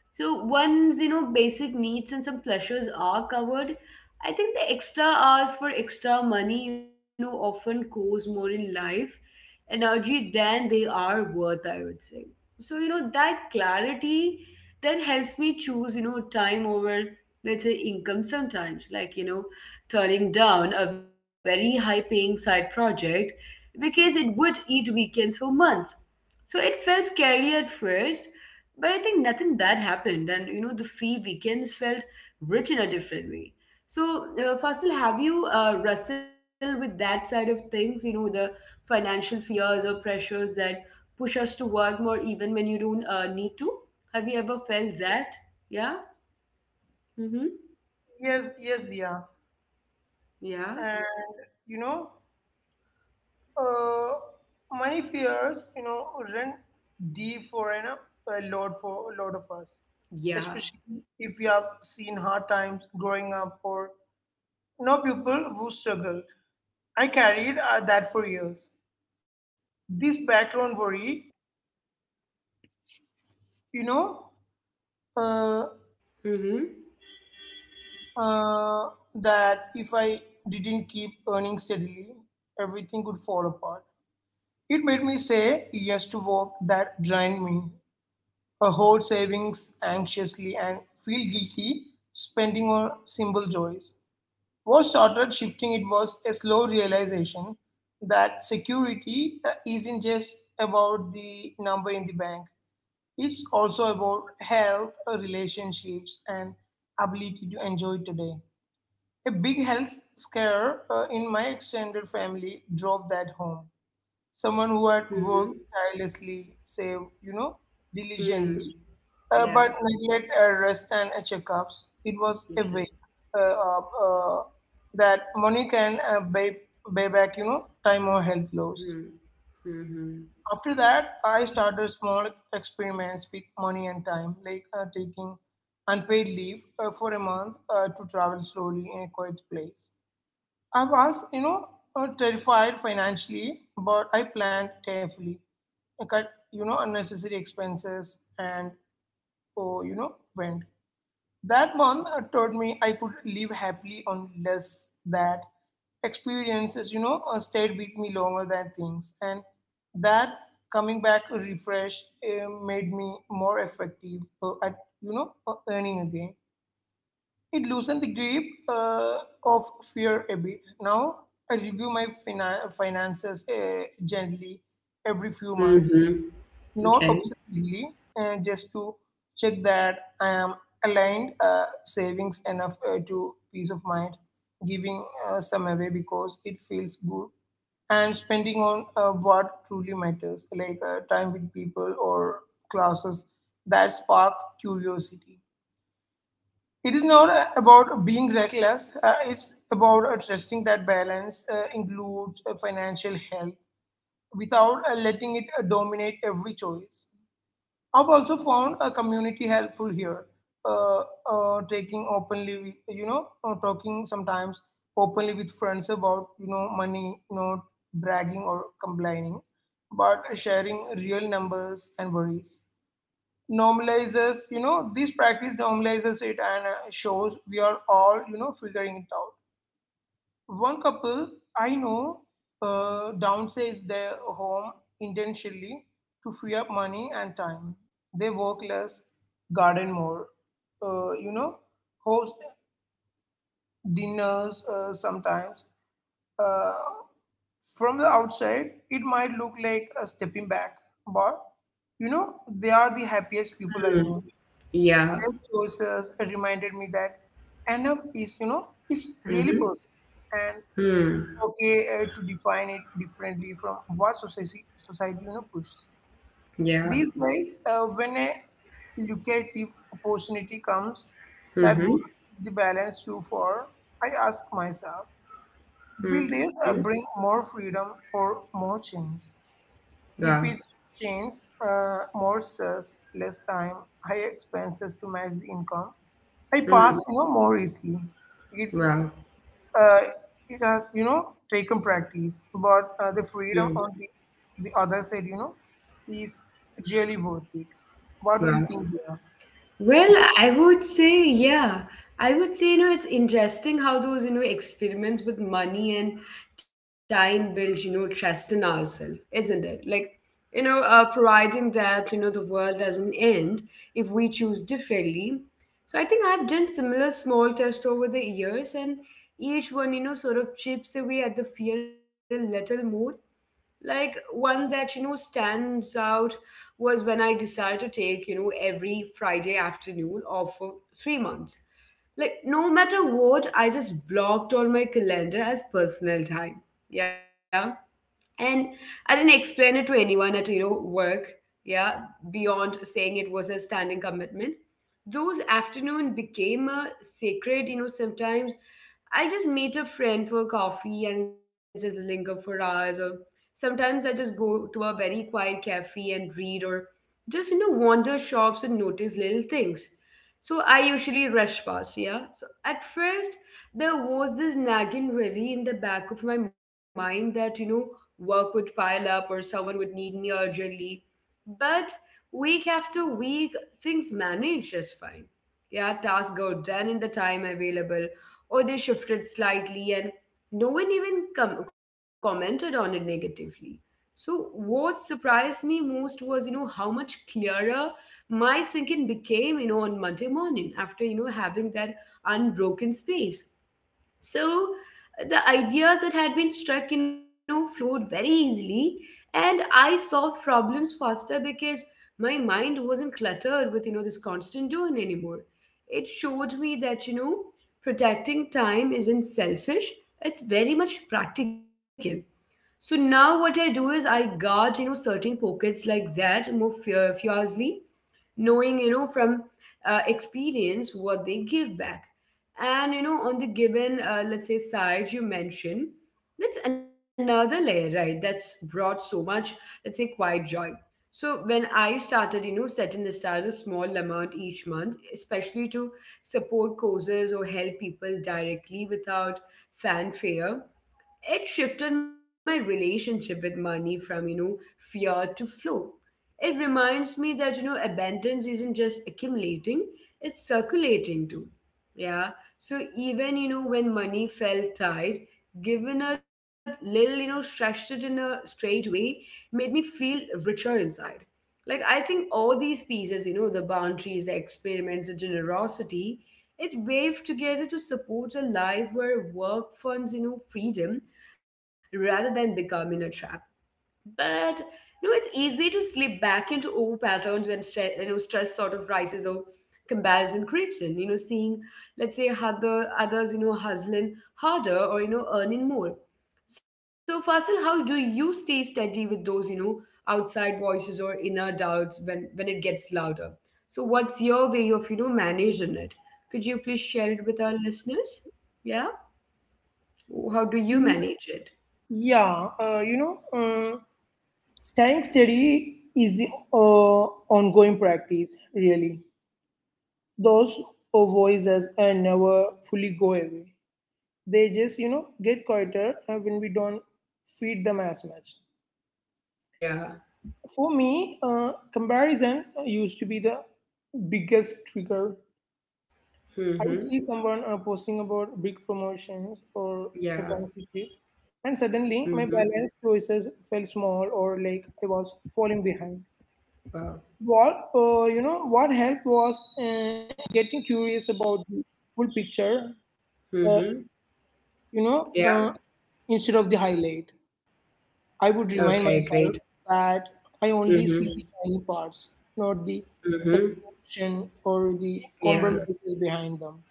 Speaker 1: So one's basic needs and some pleasures are covered. I think the extra hours for extra money often costs more in life energy than they are worth, I would say. So, that clarity that helps me choose, time over, let's say, income sometimes, like, turning down a very high paying side project because it would eat weekends for months. So it felt scary at first, but I think nothing bad happened. And, the free weekends felt rich in a different way. So, Fasil, have you wrestled with that side of things? You know the financial fears or pressures that push us to work more even when you don't need to. Have you ever felt that? Yeah. Mm-hmm.
Speaker 2: Yes, yes, yeah.
Speaker 1: Yeah.
Speaker 2: And you know, uh, money fears, run deep for a lot for a lot of us,
Speaker 1: Yeah.
Speaker 2: especially if you have seen hard times growing up or no people who struggle. I carried that for years. This background worry, you know, uh,
Speaker 1: Mm-hmm.
Speaker 2: uh, that if I didn't keep earning steadily, everything could fall apart. It made me say yes to work that drained me, hoard savings anxiously, and feel guilty spending on simple joys. Was started shifting. It was a slow realization that security isn't just about the number in the bank. It's also about health, relationships, and ability to enjoy today. A big health scare in my extended family drove that home. Someone who had worked
Speaker 1: Mm-hmm.
Speaker 2: tirelessly, saved,
Speaker 1: Hmm.
Speaker 2: diligently,
Speaker 1: Yeah.
Speaker 2: but neglect rest and checkups. It was a way
Speaker 1: Okay.
Speaker 2: uh, of, that money can pay back, time or health
Speaker 1: Hmm.
Speaker 2: loss.
Speaker 1: Mm-hmm.
Speaker 2: After that, I started small experiments with money and time, like taking unpaid leave for a month to travel slowly in a quiet place. I was, terrified financially, but I planned carefully. I cut, unnecessary expenses and, oh, went. That month taught me I could live happily on less. That experiences, stayed with me longer than things. And that coming back refreshed made me more effective at, earning again. It loosened the grip of fear a bit. Now I review my finances gently every few months,
Speaker 1: Mm-hmm.
Speaker 2: not
Speaker 1: Okay.
Speaker 2: obsessively, just to check that I am aligned, savings enough to peace of mind, giving some away because it feels good, and spending on what truly matters, like time with people or classes that spark curiosity. It is not about being reckless, it's about trusting that balance includes financial health without letting it dominate every choice. I've also found a community helpful here. Uh, Taking openly, with, talking sometimes openly with friends about, money, not bragging or complaining, but sharing real numbers and worries. This practice normalizes it and shows we are all, figuring it out. One couple I know downsized their home intentionally to free up money and time. They work less, garden more, uh, you know, host dinners sometimes. Uh, from the outside, it might look like a stepping back, but you know, they are the happiest people I
Speaker 1: Hmm.
Speaker 2: know.
Speaker 1: Yeah.
Speaker 2: Their choices reminded me that enough is, is really
Speaker 1: Mm-hmm.
Speaker 2: personal, and
Speaker 1: Hmm.
Speaker 2: okay to define it differently from what society pushes.
Speaker 1: Yeah.
Speaker 2: These days, when a lucrative opportunity comes that
Speaker 1: Mm-hmm.
Speaker 2: would keep the balance you for, I ask myself, will
Speaker 1: Hmm.
Speaker 2: this bring more freedom or more change? If
Speaker 1: Wow.
Speaker 2: it's changed, more stress, less time, higher expenses to match the income, I
Speaker 1: Hmm.
Speaker 2: pass, more easily. It's
Speaker 1: Wow.
Speaker 2: uh, it has, taken practice, but the
Speaker 1: Hmm.
Speaker 2: freedom on the other side, is really worth it. What do you
Speaker 1: Wow.
Speaker 2: think there?
Speaker 1: Well,
Speaker 2: Does
Speaker 1: I would say, yeah. I would say, it's interesting how those, experiments with money and time build, trust in ourselves, isn't it? Like, providing that, the world doesn't end if we choose differently. So I think I've done similar small tests over the years, and each one, sort of chips away at the fear a little more, like one that stands out was when I decided to take every Friday afternoon off for 3 months. Like no matter what, I just blocked all my calendar as personal time, yeah. And I didn't explain it to anyone at work, yeah, beyond saying it was a standing commitment. Those afternoon became a sacred, sometimes I just meet a friend for coffee and just linger for hours, or sometimes I just go to a very quiet cafe and read, or just wander shops and notice little things. So I usually rush past, yeah. So at first there was this nagging worry in the back of my mind that work would pile up or someone would need me urgently, but week after week things manage just fine. Yeah, tasks got done in the time available or they shifted slightly and no one even commented on it negatively. So what surprised me most was how much clearer my thinking became on Monday morning after having that unbroken space. So the ideas that had been struck, flowed very easily, and I solved problems faster because my mind wasn't cluttered with, this constant doing anymore. It showed me that, protecting time isn't selfish, it's very much practical. So now what I do is I guard, certain pockets like that more fiercely, knowing from experience what they give back. And on the given let's say side you mentioned, that's another layer, right? That's brought so much let's say quiet joy. So when I started setting aside a small amount each month especially to support causes or help people directly without fanfare, it shifted my relationship with money from fear to flow. It reminds me that abundance isn't just accumulating, it's circulating too, yeah. So even when money felt tight, given a little stretched it in a straight way, made me feel richer inside. Like I think all these pieces, the boundaries, the experiments, the generosity, it waved together to support a life where work funds freedom rather than becoming a trap. But it's easy to slip back into old patterns when stress sort of rises or comparison creeps in. You know, seeing let's say other others hustling harder or earning more. So, Fasil, how do you stay steady with those outside voices or inner doubts when it gets louder? So, what's your way of managing it? Could you please share it with our listeners? Yeah, how do you
Speaker 2: Y-
Speaker 1: manage it?
Speaker 2: Yeah, staying steady is the uh, ongoing practice, really. Those voices never fully go away. They just, get quieter when we don't feed them as much.
Speaker 1: Yeah.
Speaker 2: For me, comparison used to be the biggest trigger. I would
Speaker 1: Mm-hmm.
Speaker 2: see someone posting about big promotions or a
Speaker 1: Yeah.
Speaker 2: fancy trip, and
Speaker 1: Mm-hmm.
Speaker 2: suddenly my balance choices felt small or like I was falling behind.
Speaker 1: Wow.
Speaker 2: What helped was getting curious about the full picture. Uh,
Speaker 1: Mm-hmm.
Speaker 2: you know,
Speaker 1: Yeah.
Speaker 2: uh, Instead of the highlight. I
Speaker 1: Okay,
Speaker 2: would
Speaker 1: great.
Speaker 2: remind myself that I
Speaker 1: Mm-hmm.
Speaker 2: only see the shiny parts, not the
Speaker 1: Mm-hmm.
Speaker 2: exhaustion or the
Speaker 1: Yeah.
Speaker 2: compromises behind them.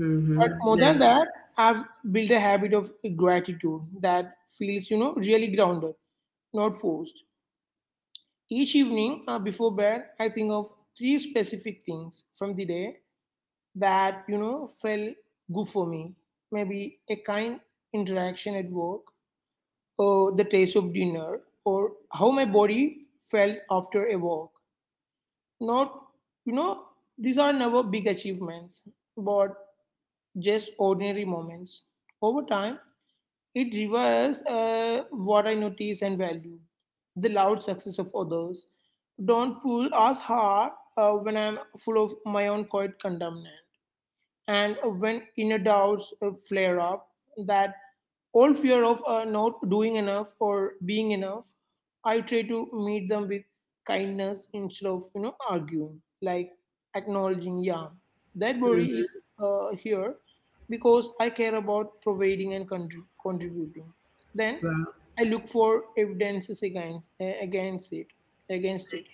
Speaker 1: Mm-hmm.
Speaker 2: But more than
Speaker 1: Nice.
Speaker 2: that, I've built a habit of gratitude that feels, really grounded, not forced. Each evening before bed, I think of three specific things from the day that, felt good for me. Maybe a kind interaction at work, the taste of dinner or how my body felt after a walk. Not, you know, these are never big achievements, but just ordinary moments. Over time, it reverses what I notice and value. The loud success of others don't pull as hard when I'm full of my own quiet condemnation. And when inner doubts flare up, that old fear of not doing enough or being enough, I try to meet them with kindness instead of arguing, like acknowledging, yeah, that worry is
Speaker 1: Mm-hmm.
Speaker 2: here because I care about providing and contributing. Then
Speaker 1: Wow.
Speaker 2: I look for evidences against it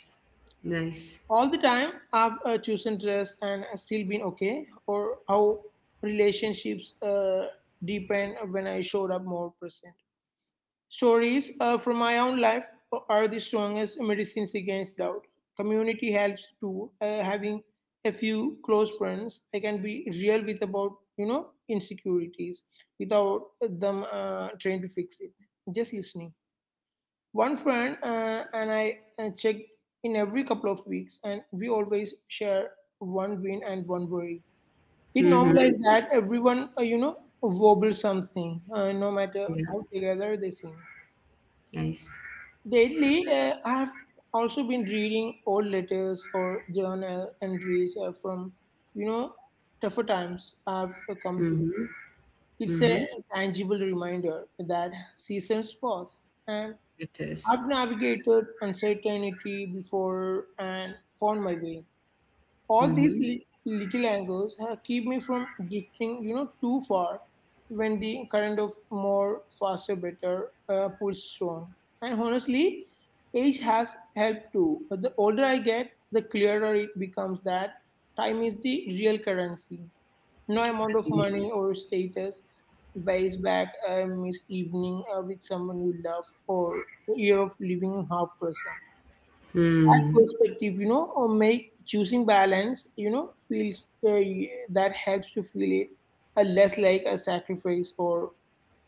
Speaker 1: Nice. Nice.
Speaker 2: all the time. I've chosen dress and still been okay, or how relationships deepen when I showed up more present. Stories from my own life are the strongest medicines against doubt. Community helps too. Having a few close friends I can be real with about insecurities without them trying to fix it, just listening. One friend and I check in every couple of weeks, and we always share one win and one worry. It
Speaker 1: Mm-hmm.
Speaker 2: normalizes that everyone, wobbles something, no matter
Speaker 1: Yeah.
Speaker 2: how together they seem.
Speaker 1: Nice.
Speaker 2: Lately, I have also been reading old letters or journal entries from, you know, tougher times I've come through.
Speaker 1: Mm-hmm.
Speaker 2: It's a
Speaker 1: Mm-hmm.
Speaker 2: tangible reminder that seasons pass and
Speaker 1: It is.
Speaker 2: I've navigated uncertainty before and found my way. All these
Speaker 1: Mm-hmm.
Speaker 2: little angles have keep me from drifting, too far when the current of more faster, better pulls strong. And honestly, age has helped too. But the older I get, the clearer it becomes that time is the real currency. No amount of
Speaker 1: Very
Speaker 2: money
Speaker 1: nice.
Speaker 2: or status buys back a missed evening with someone you love or the year of living half percent. That
Speaker 1: Hmm.
Speaker 2: perspective, or make choosing balance, feels that helps to feel it less like a sacrifice or,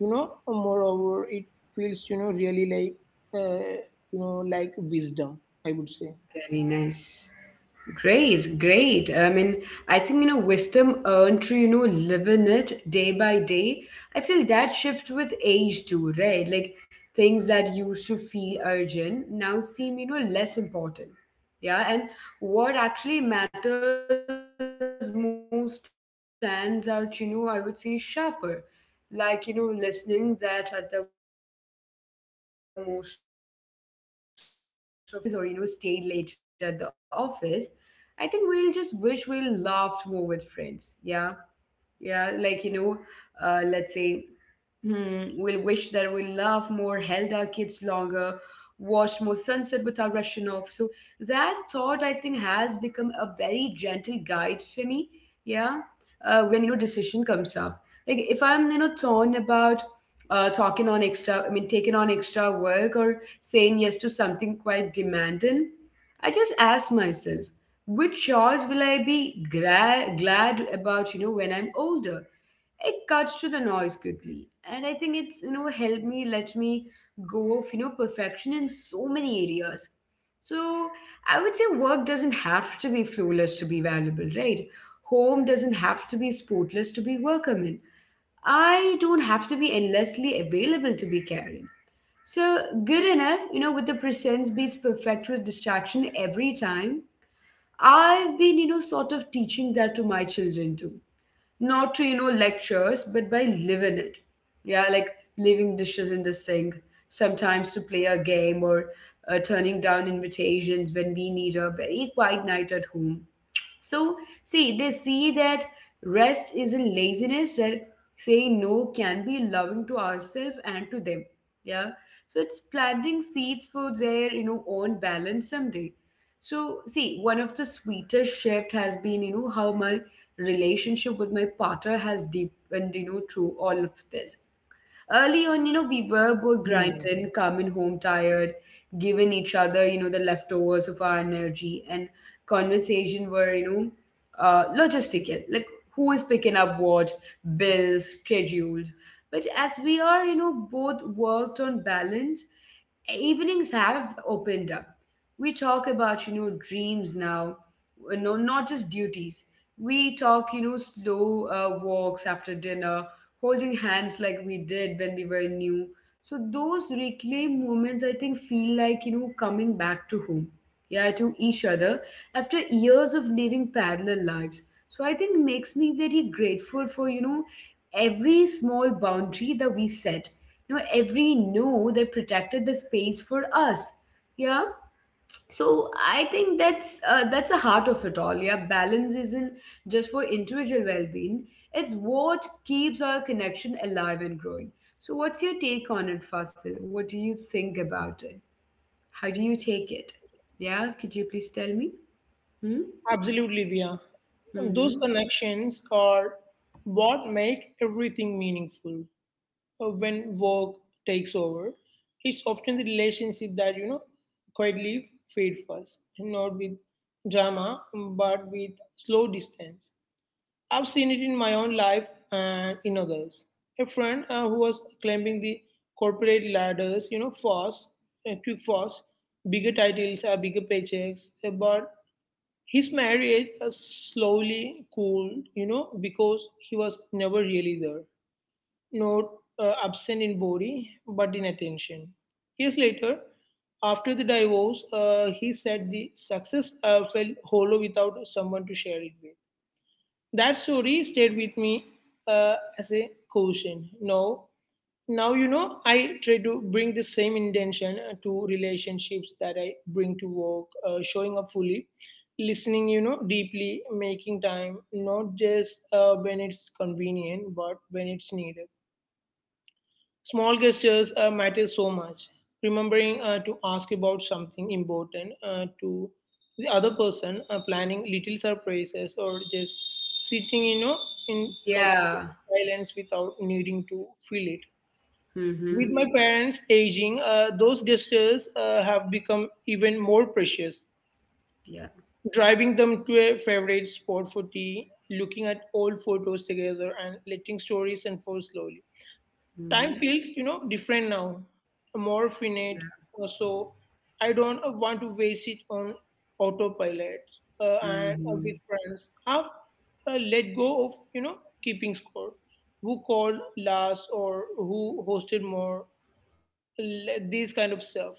Speaker 2: moreover, it feels, really like, uh, like wisdom, I would say.
Speaker 1: Very nice. Great, great. I mean, I think, wisdom earned through, living it day by day. I feel that shift with age too, right? Like things that used to feel urgent now seem, less important. Yeah. And what actually matters most stands out, I would say sharper, like, listening that at the most of life. So we won't wish you would answered more emails or, stayed later at the office. I think we'll just wish we will laugh more with friends. Yeah. Yeah. Like, let's say, Hmm, we'll wish that we love more, held our kids longer, watched more sunset without rushing off. So that thought, I think, has become a very gentle guide for me. Yeah, when decision comes up, like if I'm torn about talking on extra, I mean taking on extra work or saying yes to something quite demanding, I just ask myself, which choice will I be glad about? You know, when I'm older, it cuts to the noise quickly. And I think it's helped me let me go of perfection in so many areas. So I would say work doesn't have to be flawless to be valuable, right? Home doesn't have to be spotless to be workable. I don't have to be endlessly available to be caring. So good enough with the presence beats perfect with distraction every time. I've been sort of teaching that to my children too, not to lectures but by living it. Yeah, like leaving dishes in the sink sometimes to play a game, or turning down invitations when we need a very quiet night at home. So, see, they see that rest isn't laziness, that saying no can be loving to ourselves and to them. Yeah. So it's planting seeds for their, own balance someday. So see, one of the sweetest shift has been, how my relationship with my partner has deepened, through all of this. Early on, we were both
Speaker 2: Hmm.
Speaker 1: grinding, coming home tired, giving each other, the leftovers of our energy, and conversation were, logistical, like who is picking up what, bills, schedules. But as we are, both worked on balance, evenings have opened up. We talk about, dreams now, no, not just duties. We talk, slow walks after dinner, holding hands like we did when we were new. So those reclaimed moments, I think, feel like coming back to home, yeah, to each other after years of living parallel lives. So I think makes me very grateful for every small boundary that we set, every no that protected the space for us. Yeah, so I think that's the heart of it all. Yeah, balance isn't just for individual well-being, it's what keeps our connection alive and growing. So what's your take on it, Fasil? What do you think about it? How do you take it? Yeah, could you please tell me? Hmm?
Speaker 2: Absolutely, Dia. Those
Speaker 1: Mm-hmm.
Speaker 2: connections are what make everything meaningful. When work takes over, it's often the relationship that quietly fade first, not with drama, but with slow distance. I've seen it in my own life and in others. A friend who was climbing the corporate ladders, fast, quick fast, bigger titles, bigger paychecks, but his marriage has slowly cooled, because he was never really there. Not absent in body, but in attention. Years later, after the divorce, he said the success felt hollow without someone to share it with. That story stayed with me as a caution. Now, I try to bring the same intention to relationships that I bring to work, showing up fully, listening, deeply, making time, not just when it's convenient, but when it's needed. Small gestures matter so much. Remembering to ask about something important to the other person, planning little surprises, or just sitting, in comfortable
Speaker 1: Yeah.
Speaker 2: silence without needing to feel it.
Speaker 1: Mm-hmm.
Speaker 2: With my parents aging, those gestures have become even more precious.
Speaker 1: Yeah.
Speaker 2: Driving them to a favorite spot for tea, looking at old photos together, and letting stories unfold slowly. Time
Speaker 1: Mm-hmm.
Speaker 2: feels, different now, more
Speaker 1: Yeah.
Speaker 2: finite, so I don't want to waste it on autopilot. And
Speaker 1: Mm-hmm.
Speaker 2: with friends, have let go of keeping score, who called last or who hosted more, these kind of stuff.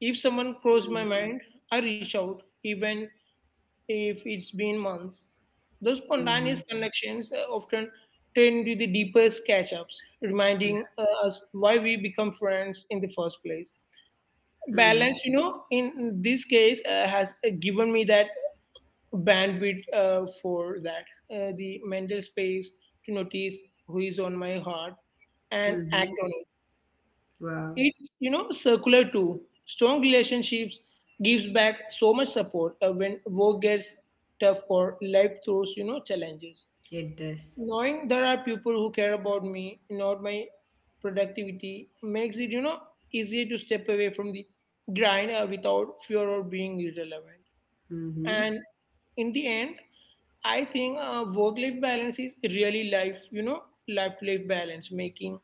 Speaker 2: If someone crossed my mind, I reach out, even if it's been months. Those
Speaker 1: Mm-hmm.
Speaker 2: spontaneous connections often turn into the deepest catch-ups,
Speaker 1: Yeah.
Speaker 2: reminding us why we become friends in the first place.
Speaker 1: Mm-hmm.
Speaker 2: Balance, in this case, has given me that bandwidth for that, the mental space to notice who is on my heart and act
Speaker 1: Mm-hmm.
Speaker 2: on.
Speaker 1: Wow.
Speaker 2: It's, circular too. Strong relationships gives back so much support when work gets tough or life throws challenges.
Speaker 1: It does.
Speaker 2: Knowing there are people who care about me, not my productivity, makes it, easier to step away from the grind without fear of being irrelevant.
Speaker 1: Mm-hmm.
Speaker 2: And in the end, I think work-life balance is really life-to-life balance, making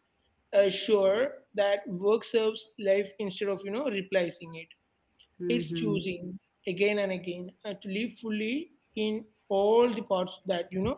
Speaker 2: assure that work serves life instead of replacing it. It's
Speaker 1: Mm-hmm.
Speaker 2: choosing again and again to live fully in all the parts that you know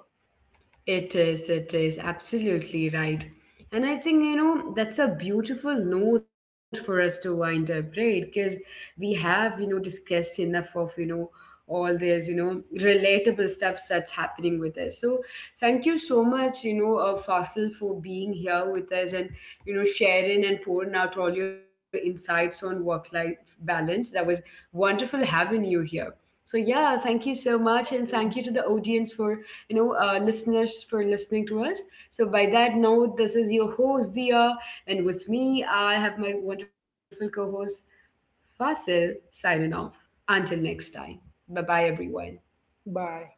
Speaker 1: It is absolutely right. And I think, that's a beautiful note for us to wind up, right? Because we have, discussed enough of, all this, relatable stuff that's happening with us. So thank you so much, Fasil, for being here with us, and, sharing and pouring out all your insights on work life balance. That was wonderful having you here. So, yeah, thank you so much. And thank you to the audience for listeners for listening to us. So, by that note, this is your host, Dia, and with me, I have my wonderful co host, Fasil, signing off. Until next time. Bye bye, everyone.
Speaker 2: by